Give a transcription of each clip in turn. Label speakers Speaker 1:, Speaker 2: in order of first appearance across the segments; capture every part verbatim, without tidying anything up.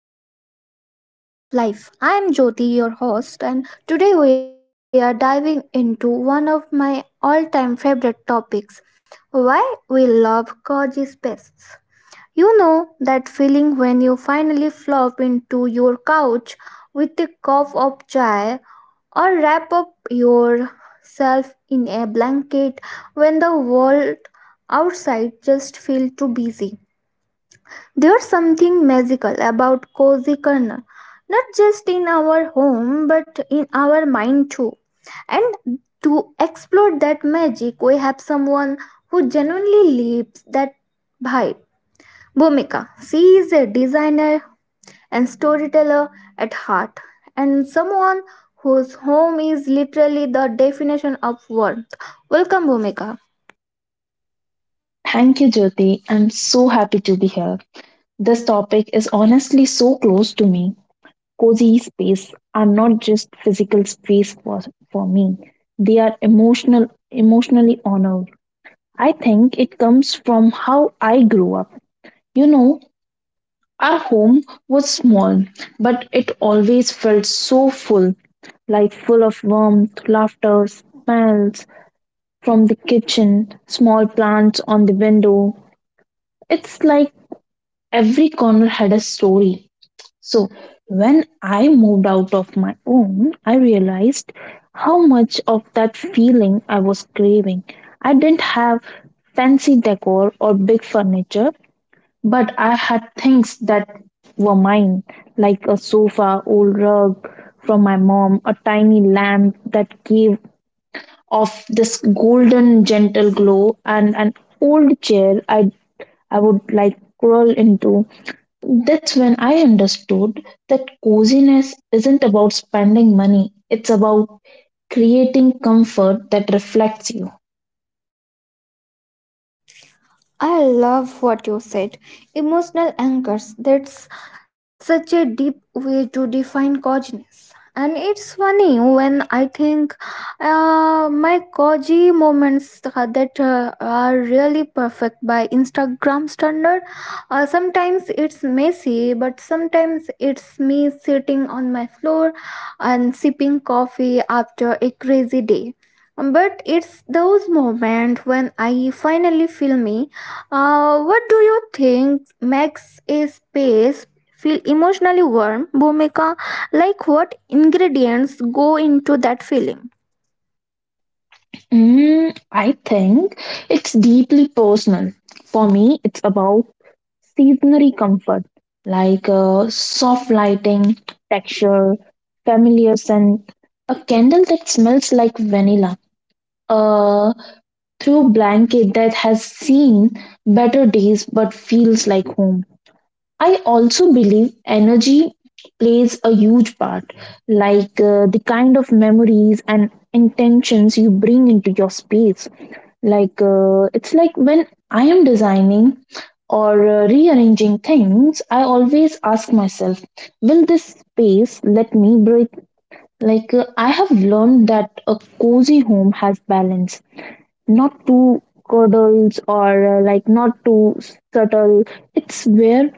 Speaker 1: welcome back to Sparkle of Life. I am Jyoti, your host, and today we are diving into one of my all-time favorite topics: why we love cozy spaces. You know that feeling when you finally flop into your couch with a cup of chai or wrap up yourself in a blanket when the world outside just feels too busy. There's something magical about cozy corner, not just in our home but in our mind too. And to explore that magic, we have someone who genuinely lives that vibe. Bhumika, she is a designer and storyteller at heart, and someone whose home is literally the definition of warmth. Welcome, Bhumika.
Speaker 2: Thank you, Jyoti. I'm so happy to be here. This topic is honestly so close to me. Cozy space are not just physical space for, for me. They are emotional emotionally honored. I think it comes from how I grew up. You know, our home was small, but it always felt so full, like full of warmth, laughter, smells from the kitchen, small plants on the window. It's like every corner had a story. So, when I moved out of my own, I realized how much of that feeling I was craving. I didn't have fancy decor or big furniture, but I had things that were mine, like a sofa, old rug from my mom, a tiny lamp that gave off this golden gentle glow, and an old chair I I would like crawl into. That's when I understood that coziness isn't about spending money, it's about creating comfort that reflects you.
Speaker 1: I love what you said. Emotional anchors. That's such a deep way to define coziness. And it's funny when I think uh, my cozy moments uh, that uh, are really perfect by Instagram standard. Uh, sometimes it's messy, but sometimes it's me sitting on my floor and sipping coffee after a crazy day. But it's those moments when I finally feel me uh, What do you think makes a space feel emotionally warm, Bhumika? Like what ingredients go into that feeling?
Speaker 2: Mm, I think it's deeply personal. For me, it's about seasonary comfort, like uh, soft lighting, texture, familiar scent, a candle that smells like vanilla, a throw blanket that has seen better days but feels like home. I also believe energy plays a huge part, like uh, the kind of memories and intentions you bring into your space. Like, uh, it's like when I am designing or uh, rearranging things, I always ask myself, will this space let me breathe? Like, uh, I have learned that a cozy home has balance, not too cuddles or uh, like not too subtle. It's where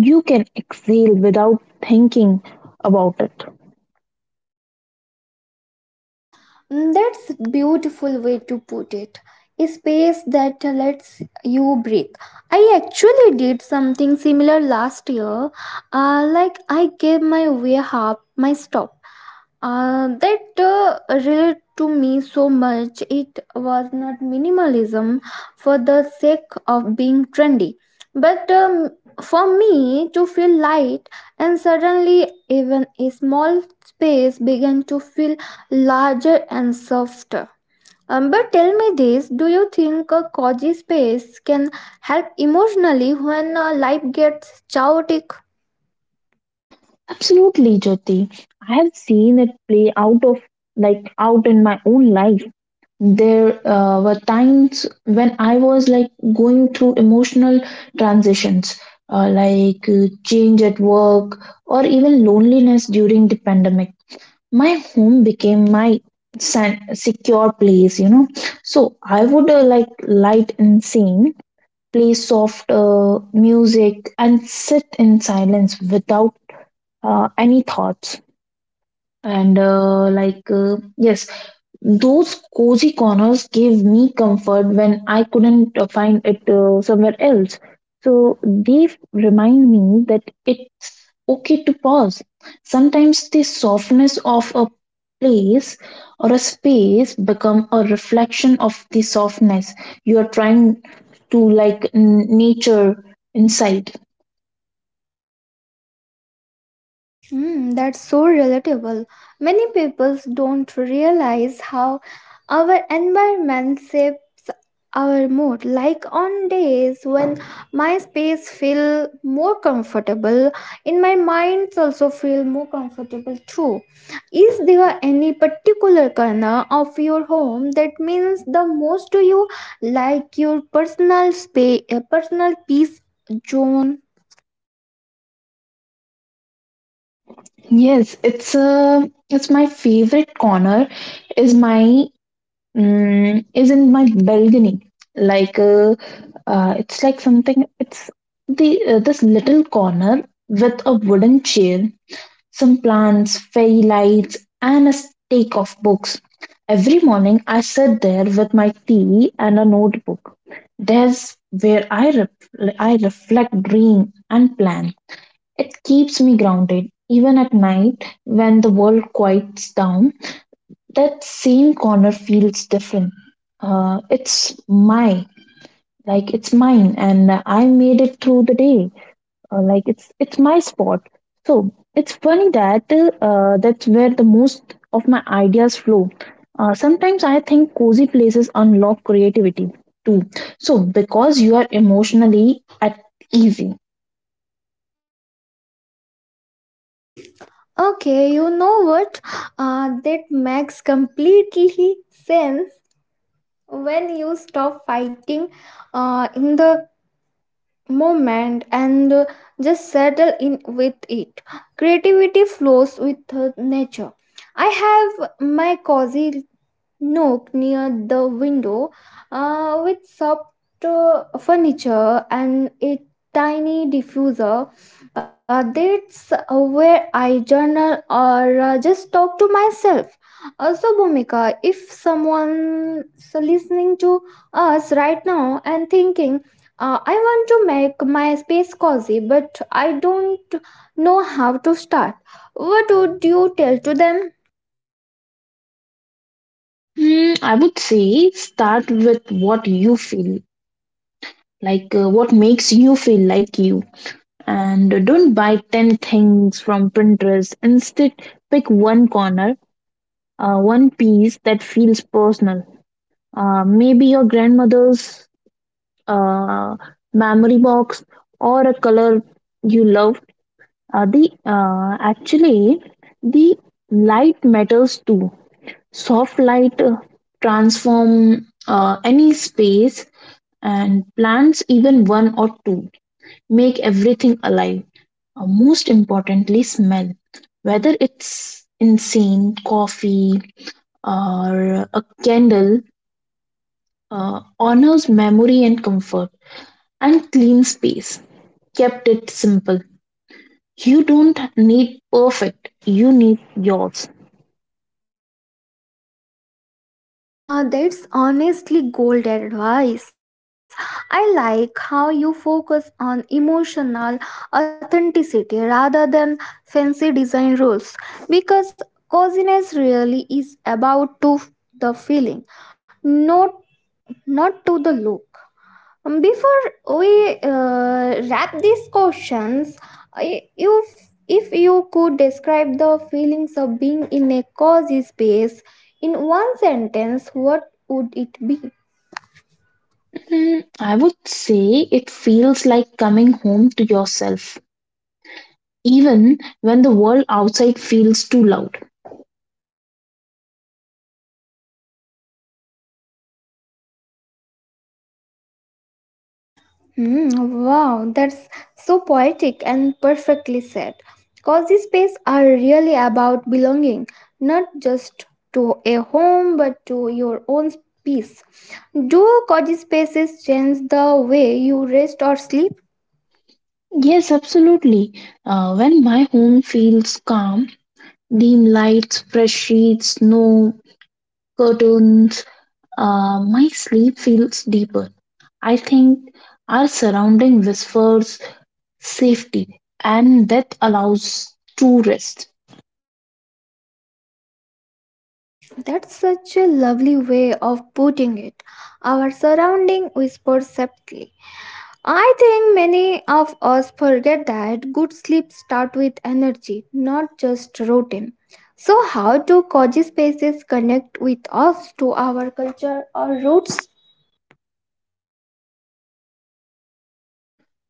Speaker 2: you can exhale without thinking about it.
Speaker 1: Mm, that's a beautiful way to put it. A space that lets you breathe. I actually did something similar last year. Uh, like I gave my warehouse my stop uh, that uh, relate to me so much. It was not minimalism for the sake of being trendy but um, for me to feel light, and suddenly even a small space began to feel larger and softer. Um, but tell me this, do you think a cozy space can help emotionally when uh, life gets chaotic?
Speaker 2: Absolutely, Jyoti. I have seen it play out of, like, out in my own life. There uh, were times when I was like going through emotional transitions, uh, like uh, change at work or even loneliness during the pandemic. My home became my san- secure place, you know. So I would, uh, like, light and sane, play soft uh, music, and sit in silence without uh, any thoughts. And uh, like uh, yes, those cozy corners gave me comfort when I couldn't uh, find it uh, somewhere else. So they f- remind me that it's okay to pause. Sometimes the softness of a place or a space become a reflection of the softness you are trying to like n- nature inside.
Speaker 1: Mm, that's so relatable. Many people don't realize how our environment shape our mood. Like on days when my space feel more comfortable, in my minds also feel more comfortable too. Is there any particular corner of your home that means the most to you, like your personal space, personal peace zone?
Speaker 2: Yes, it's a it's my favorite corner is my, mm, is in my balcony. like uh, uh, it's like something it's the, uh, this little corner with a wooden chair, some plants, fairy lights, and a stack of books. Every morning I sit there with my TV and a notebook. There's where I ref- I reflect, dream, and plan. It keeps me grounded. Even at night when the world quiets down, that same corner feels different. Uh, it's my, like, it's mine, and I made it through the day. Uh, like it's it's my spot. So it's funny that uh, that's where the most of my ideas flow. Uh, sometimes I think cozy places unlock creativity too. So because you are emotionally at easy.
Speaker 1: Okay, you know what? Uh, that makes completely sense. When you stop fighting uh, in the moment and uh, just settle in with it. Creativity flows with uh, nature. I have my cozy nook near the window uh, with soft uh, furniture and a tiny diffuser. Uh, that's where I journal or uh, just talk to myself. Uh, so, Bhumika, if someone's listening to us right now and thinking, uh, I want to make my space cozy, but I don't know how to start, what would you tell to them?
Speaker 2: Hmm, I would say start with what you feel like, uh, what makes you feel like you, and don't buy ten things from Pinterest. Instead, pick one corner, uh, one piece that feels personal. Uh, maybe your grandmother's uh, memory box or a color you love. Uh, the uh, Actually, the light matters too. Soft light uh, transform uh, any space, and plants, even one or two, make everything alive. Uh, most importantly, smell. Whether it's incense, coffee, or a candle, uh, honors memory and comfort and clean space. Kept it simple. You don't need perfect, you need yours.
Speaker 1: Uh, that's honestly gold advice. I like how you focus on emotional authenticity rather than fancy design rules, because coziness really is about to the feeling, not not to the look. Um, Before we uh, wrap these questions, I- you, if you could describe the feelings of being in a cozy space in one sentence, what would it be?
Speaker 2: Mm, I would say it feels like coming home to yourself, even when the world outside feels too loud.
Speaker 1: Hmm, wow, that's so poetic and perfectly said. Cozy space are really about belonging, not just to a home but to your own peace. Do cozy spaces change the way you rest or sleep?
Speaker 2: Yes, absolutely. Uh, when my home feels calm, dim lights, fresh sheets, snow, curtains. Uh, my sleep feels deeper. I think our surrounding whispers safety, and that allows true rest.
Speaker 1: That's such a lovely way of putting it. Our surrounding whispers softly. I think many of us forget that good sleep starts with energy, not just routine. So, how do cozy spaces connect with us to our culture or roots?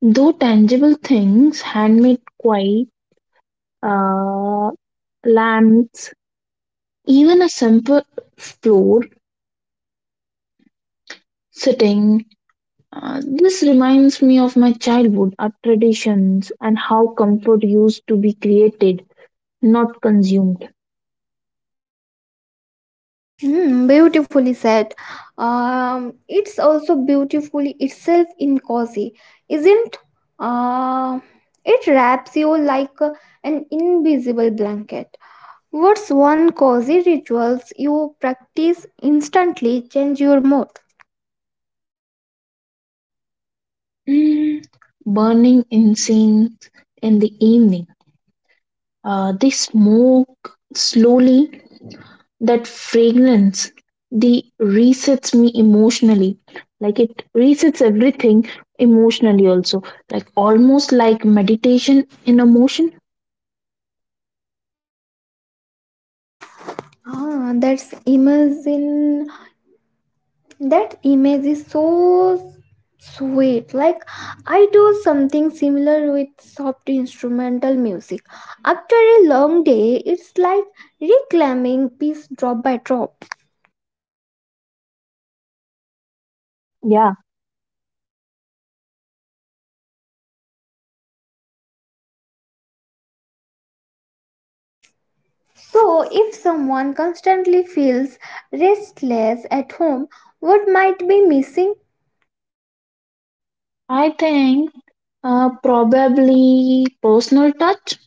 Speaker 2: Though tangible things, handmade quiet, uh, lamps, even a simple floor sitting, uh, this reminds me of my childhood, our traditions, and how comfort used to be created, not consumed.
Speaker 1: Hmm, beautifully said. Um, it's also beautifully itself in cozy, isn't? Uh, it wraps you like a- an invisible blanket. What's one cozy rituals you practice instantly change your mood?
Speaker 2: Mm, burning incense in the evening. Uh, the smoke slowly, that fragrance, the resets me emotionally. Like it resets everything emotionally also. Like almost like meditation in a motion.
Speaker 1: Ah, that's imagine, that image is so sweet. Like I do something similar with soft instrumental music. After a long day, it's like reclaiming piece drop by drop.
Speaker 2: Yeah, yeah.
Speaker 1: So if someone constantly feels restless at home, what might be missing?
Speaker 2: I think uh, probably personal touch,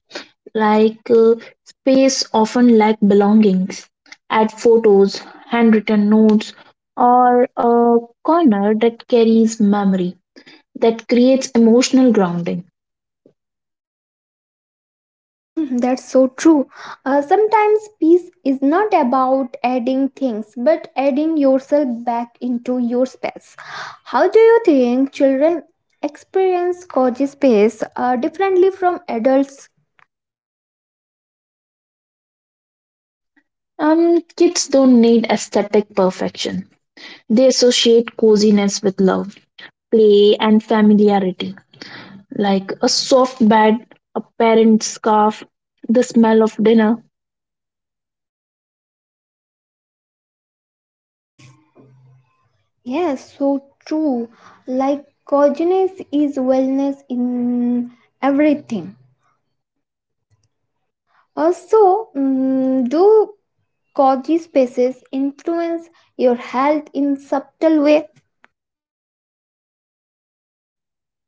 Speaker 2: like uh, space often lack belongings. Add photos, handwritten notes, or a corner that carries memory that creates emotional grounding.
Speaker 1: Um, that's so true. Uh, sometimes peace is not about adding things, but adding yourself back into your space. How do you think children experience cozy space uh, differently from adults?
Speaker 2: Um, kids don't need aesthetic perfection. They associate coziness with love, play, and familiarity, like a soft bed, a parent's scarf, the smell of dinner.
Speaker 1: Yes, so true. Like coziness is wellness in everything. Also, mm, do cozy spaces influence your health in subtle way?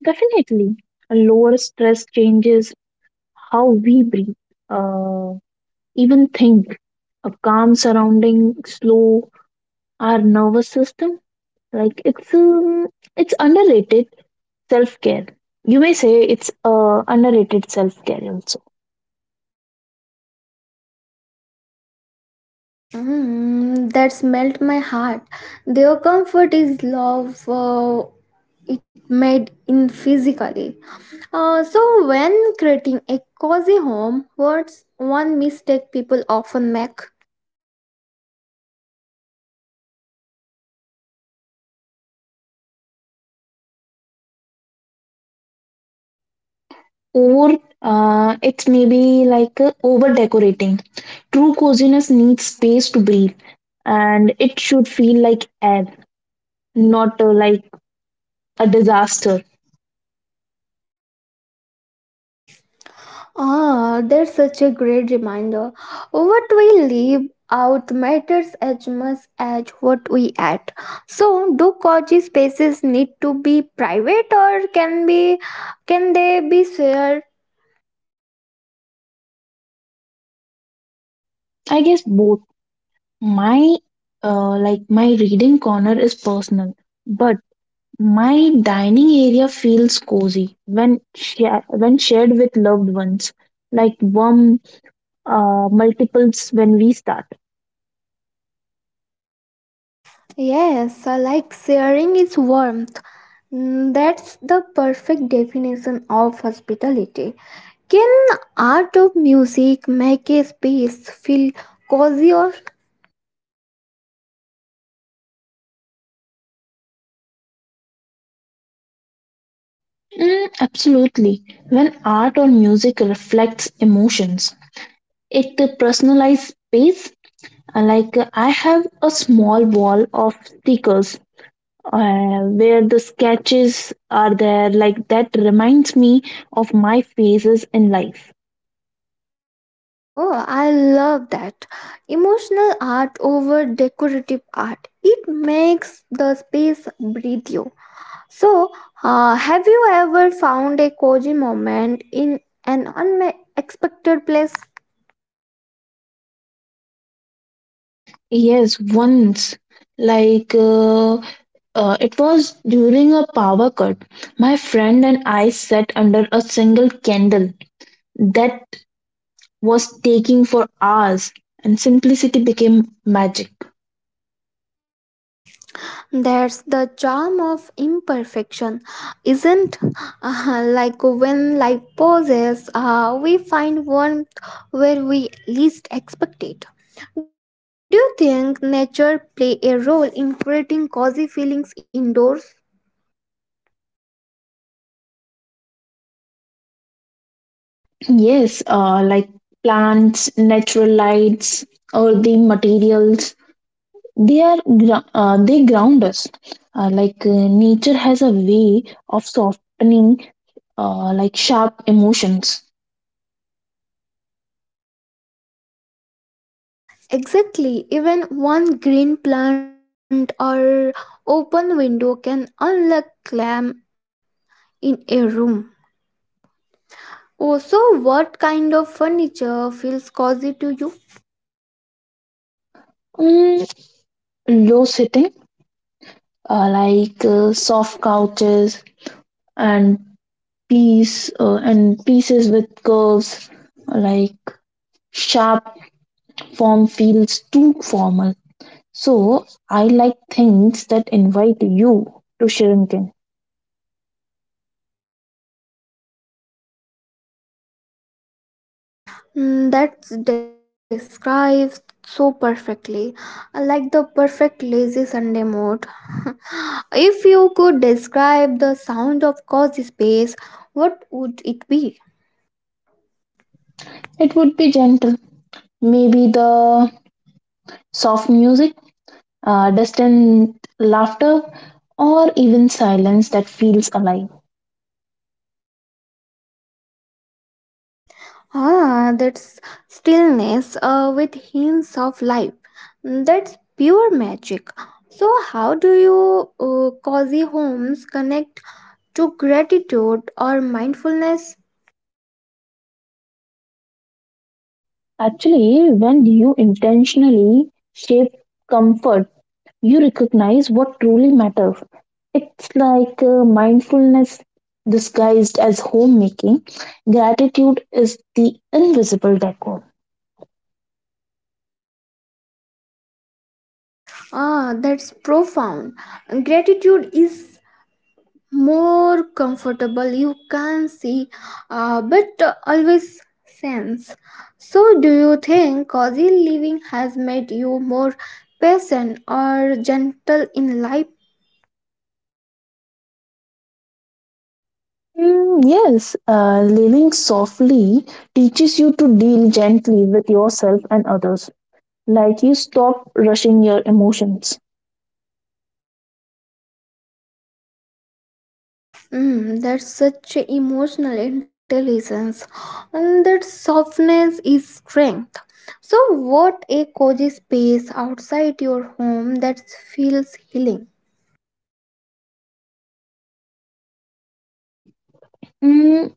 Speaker 2: Definitely, lower stress changes how we breathe. Uh, even think a calm surrounding slow our nervous system, like it's um, it's underrated self care. You may say it's uh, underrated self care also.
Speaker 1: Mm, that's melt my heart. Their comfort is love. Uh, it made in physically. Uh, so, when creating a cozy home, what's one mistake people often make?
Speaker 2: Over uh, It's maybe like uh, over decorating. True coziness needs space to breathe, and it should feel like air, not uh, like a disaster.
Speaker 1: Ah, that's such a great reminder. What we leave out matters as much as what we add. So, do cozy spaces need to be private, or can be can they be shared?
Speaker 2: I guess both. My, uh, like my reading corner is personal, but my dining area feels cozy when share, when shared with loved ones, like warm uh, multiples when we start.
Speaker 1: Yes, I like sharing is warmth. Mm, that's the perfect definition of hospitality. Can art of music make a space feel cozy or
Speaker 2: Mm, absolutely. When art or music reflects emotions, it uh, personalized space. Uh, like uh, I have a small wall of stickers uh, where the sketches are there. Like that reminds me of my phases in life.
Speaker 1: oh, I love that. Emotional art over decorative art. It makes the space breathe you. So, uh, have you ever found a cozy moment in an unexpected place?
Speaker 2: Yes, once. Like, uh, uh, it was during a power cut. My friend and I sat under a single candle that was taking for hours, and simplicity became magic.
Speaker 1: That's the charm of imperfection, isn't? Uh, like when life pauses, uh, we find warmth where we least expect it. Do you think nature play a role in creating cozy feelings indoors?
Speaker 2: Yes, uh, like plants, natural lights, or the materials, they are gro- uh, they ground us. Uh, like uh, nature has a way of softening, uh, like sharp emotions.
Speaker 1: Exactly, even one green plant or open window can unlock calm in a room. Oh, so what kind of furniture feels cozy to you?
Speaker 2: Mm, low sitting, uh, like uh, soft couches and piece uh, and pieces with curves. Like sharp form feels too formal, so I like things that invite you to shrink in.
Speaker 1: Mm, that describes so perfectly, I like the perfect lazy Sunday mode. If you could describe the sound of cozy space, what would it be?
Speaker 2: It would be gentle, maybe the soft music, uh, distant laughter, or even silence that feels alive.
Speaker 1: Ah, that's stillness uh, with hints of life. Mm, that's pure magic. So, how do you uh, cozy homes connect to gratitude or mindfulness?
Speaker 2: Actually, when you intentionally shape comfort, you recognize what truly matters. It's like uh, mindfulness disguised as homemaking. Gratitude is the invisible decor.
Speaker 1: Ah, that's profound. Gratitude is more comfortable you can see, uh, but always sense. So do you think cozy living has made you more patient or gentle in life?
Speaker 2: Mm, yes, uh, living softly teaches you to deal gently with yourself and others. Like you stop rushing your emotions.
Speaker 1: Mm, that's such emotional intelligence, and that softness is strength. So what a cozy space outside your home that feels healing?
Speaker 2: Mm,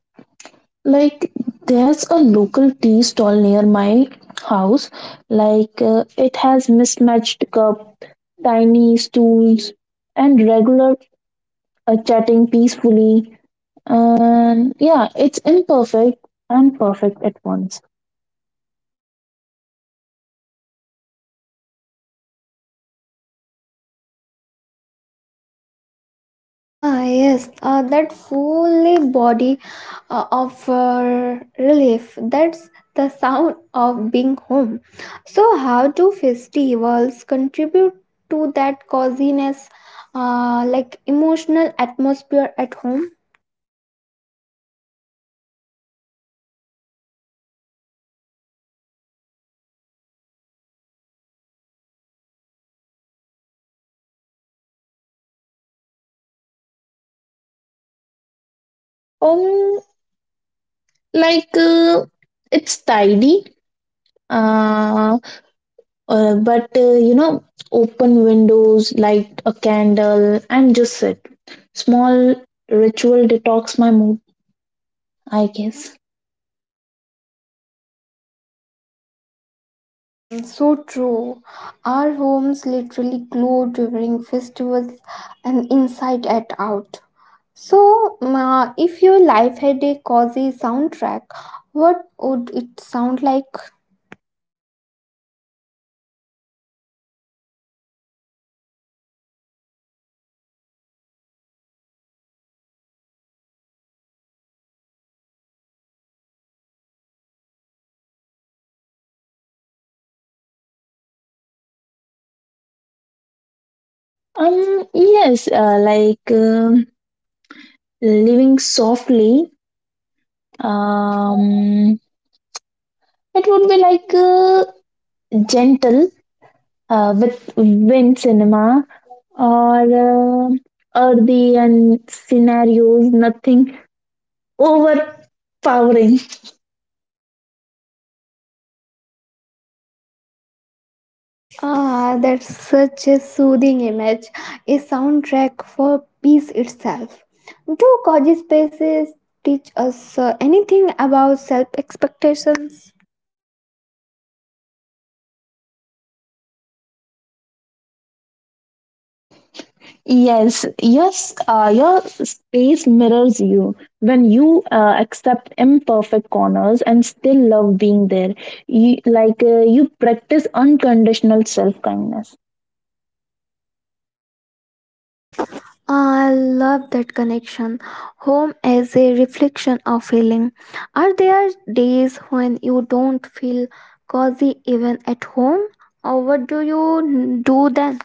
Speaker 2: like there's a local tea stall near my house. Like uh, it has mismatched cup, tiny stools, and regular uh, chatting peacefully. And yeah, it's imperfect and perfect at once.
Speaker 1: Ah, yes, uh, that fully body uh, of uh, relief. That's the sound of being home. So, how do festivals contribute to that coziness, uh, like emotional atmosphere at home?
Speaker 2: Um, like uh, it's tidy. Uh, uh, but uh, You know, open windows, light a candle, and just sit. Small ritual detox my mood, I guess.
Speaker 1: Mm, so true. Our homes literally glow during festivals and inside and out. So, ma, if your life had a cozy soundtrack, what would it sound like?
Speaker 2: Um, yes, uh, like um living softly. Um, it would be like uh, gentle uh, with wind cinema or uh, earthy and scenarios, nothing overpowering.
Speaker 1: Ah, that's such a soothing image, a soundtrack for peace itself. Do cozy spaces teach us uh, anything about self expectations?
Speaker 2: Yes, yes, uh, your space mirrors you. When you uh, accept imperfect corners and still love being there, you, like uh, you practice unconditional self kindness.
Speaker 1: I love that connection. Home as a reflection of feeling. Are there days when you don't feel cozy even at home? Or what do you do then?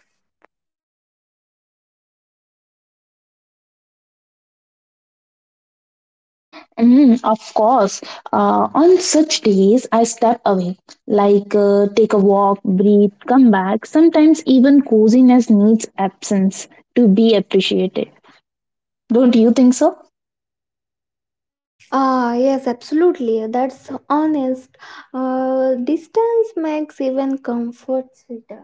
Speaker 2: Mm, of course, uh, on such days, I step away, like uh, take a walk, breathe, come back. Sometimes even coziness needs absence to be appreciated. Don't you think so?
Speaker 1: Ah, yes, absolutely. That's honest. Uh, distance makes even comfort sweeter.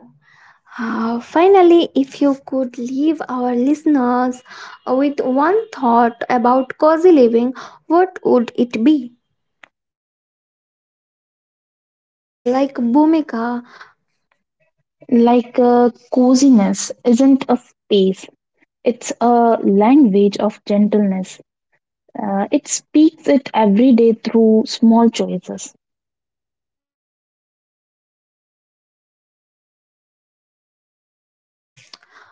Speaker 1: Uh, finally, if you could leave our listeners with one thought about cozy living, what would it be? Like Bhumika.
Speaker 2: Like uh, coziness isn't a space. It's a language of gentleness. Uh, it speaks it every day through small choices.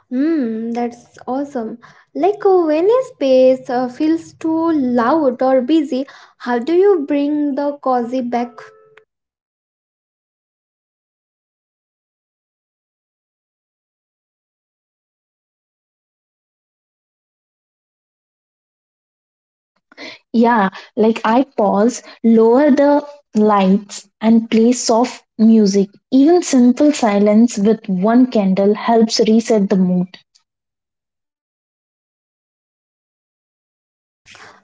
Speaker 1: Hmm, that's awesome. Like uh, when a space uh, feels too loud or busy, how do you bring the cozy back?
Speaker 2: Yeah, like I pause, lower the lights, and play soft music. Even simple silence with one candle helps reset the mood.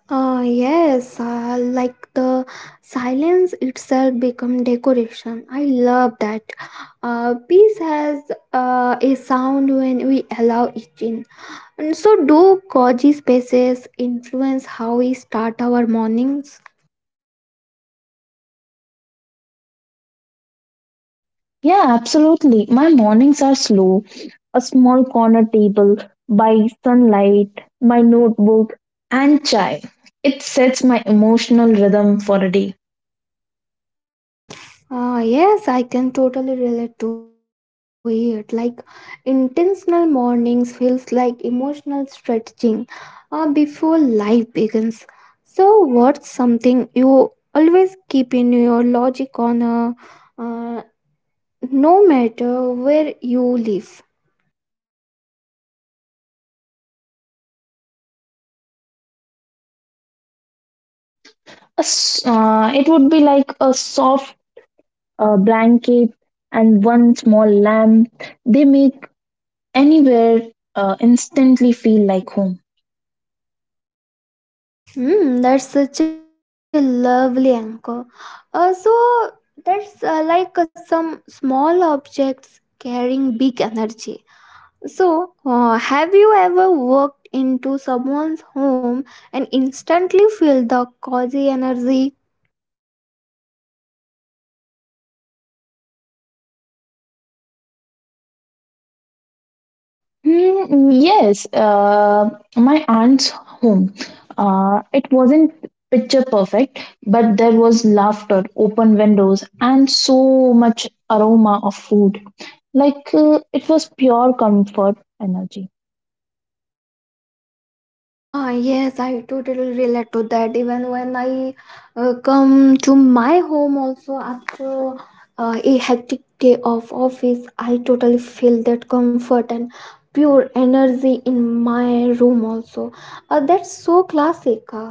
Speaker 1: Uh, yes, uh, like the silence itself become decoration. I love that. Uh, peace has uh, a sound when we allow it in. And so, do cozy spaces influence how we start our mornings?
Speaker 2: Yeah, absolutely. My mornings are slow. A small corner table by sunlight, my notebook, and chai. It sets my emotional rhythm for a day.
Speaker 1: Ah, yes, I can totally relate to it. Like intentional mornings feels like emotional stretching uh, before life begins. So, what's something you always keep in your logic corner, uh, no matter where you live?
Speaker 2: A s- uh, it would be like a soft uh, blanket and one small lamp. They make anywhere uh, instantly feel like home.
Speaker 1: Hmm, that's such a lovely anchor. Uh, so that's uh, like uh, some small objects carrying big energy. So, uh, have you ever walked into someone's home and instantly feel the cozy energy?
Speaker 2: Hmm, yes, uh, my aunt's home. Uh, it wasn't picture perfect, but there was laughter, open windows, and so much aroma of food. Like uh, it was pure comfort energy.
Speaker 1: Ah, yes, I totally relate to that. Even when I uh, come to my home, also after uh, a hectic day of office, I totally feel that comfort and pure energy in my room, also. Uh, that's so classic. uh,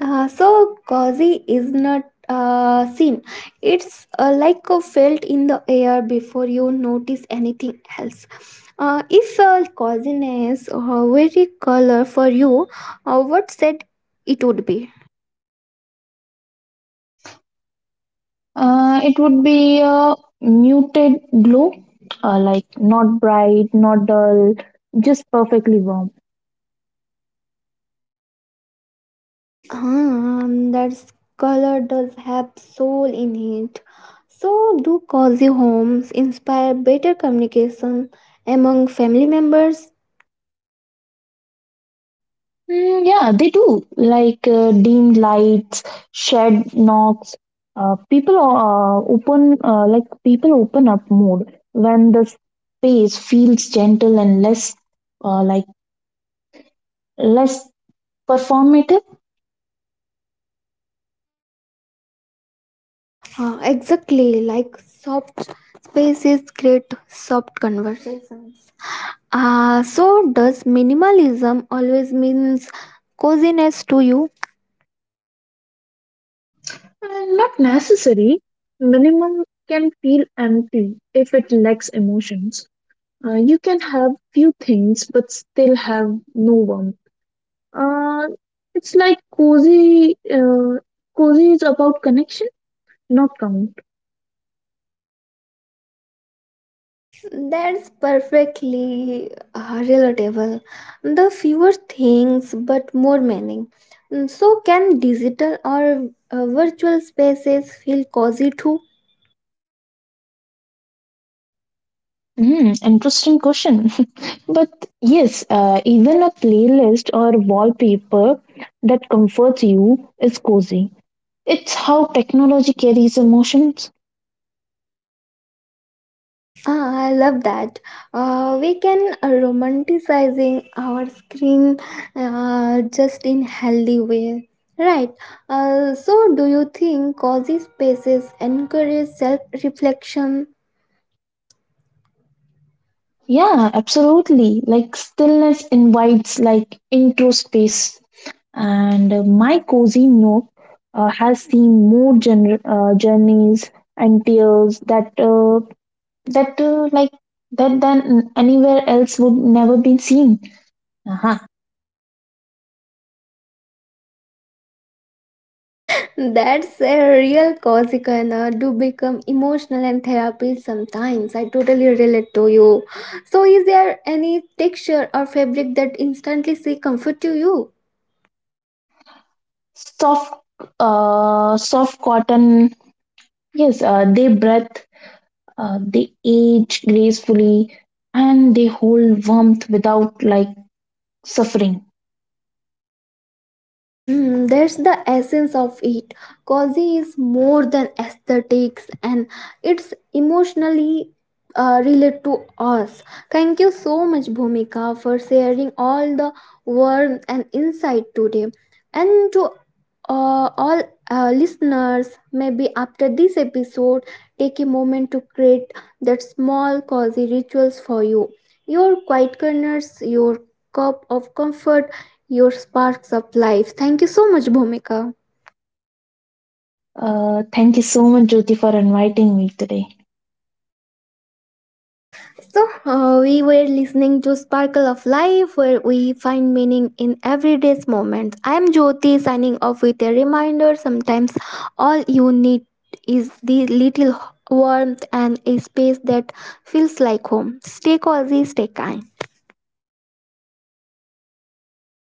Speaker 1: Uh, so cozy is not uh, seen. It's uh, like a felt in the air before you notice anything else. Uh, if uh, coziness uh, were a color for you, uh, what said it would be?
Speaker 2: Uh, it would be a muted glow, uh, like not bright, not dull, just perfectly warm.
Speaker 1: Um, that color does have soul in it. So do cozy homes inspire better communication among family members?
Speaker 2: Mm, yeah, they do. Like uh, dimmed lights, shed knocks. Uh, people uh, open uh, like people open up mood when the space feels gentle and less, uh, like less performative.
Speaker 1: Uh, exactly, like soft spaces create soft conversations. Uh, so, does minimalism always means coziness to you?
Speaker 2: And not necessary. Minimum can feel empty if it lacks emotions. Uh, you can have few things but still have no warmth. Uh, it's like cozy. Uh, cozy is about connection, not count.
Speaker 1: That's perfectly uh, relatable. The fewer things, but more meaning. Mm, so, can digital or uh, virtual spaces feel cozy too?
Speaker 2: Hmm, interesting question. But yes, uh, even a playlist or wallpaper that comforts you is cozy. It's how technology carries emotions.
Speaker 1: Ah, I love that. Uh, we can uh, romanticizing our screen uh, just in healthy way. Right. Uh, so do you think cozy spaces encourage self-reflection?
Speaker 2: Yeah, absolutely. Like stillness invites like into space, and uh, my cozy nook uh, has seen more jour- uh, journeys and tears that uh, that uh, like that than anywhere else would never be seen. Uh-huh.
Speaker 1: That's a real cozy kind of do become emotional and therapy sometimes. I totally relate to you. So is there any texture or fabric that instantly say comfort to you?
Speaker 2: Soft, uh, soft cotton. Yes, uh, they breathe, uh, they age gracefully, and they hold warmth without like suffering.
Speaker 1: Mm, that's the essence of it. Cozy is more than aesthetics, and it's emotionally uh, related to us. Thank you so much, Bhumika, for sharing all the warmth and insight today. And to uh, all uh, listeners, maybe after this episode, take a moment to create that small cozy rituals for you. Your quiet corners, your cup of comfort, your sparks of life. Thank you so much, Bhumika.
Speaker 2: Uh, thank you so much, Jyoti, for inviting me today.
Speaker 1: So, uh, we were listening to Sparkle of Life, where we find meaning in everyday's moments. I'm Jyoti, signing off with a reminder: sometimes all you need is the little warmth and a space that feels like home. Stay cozy, stay kind.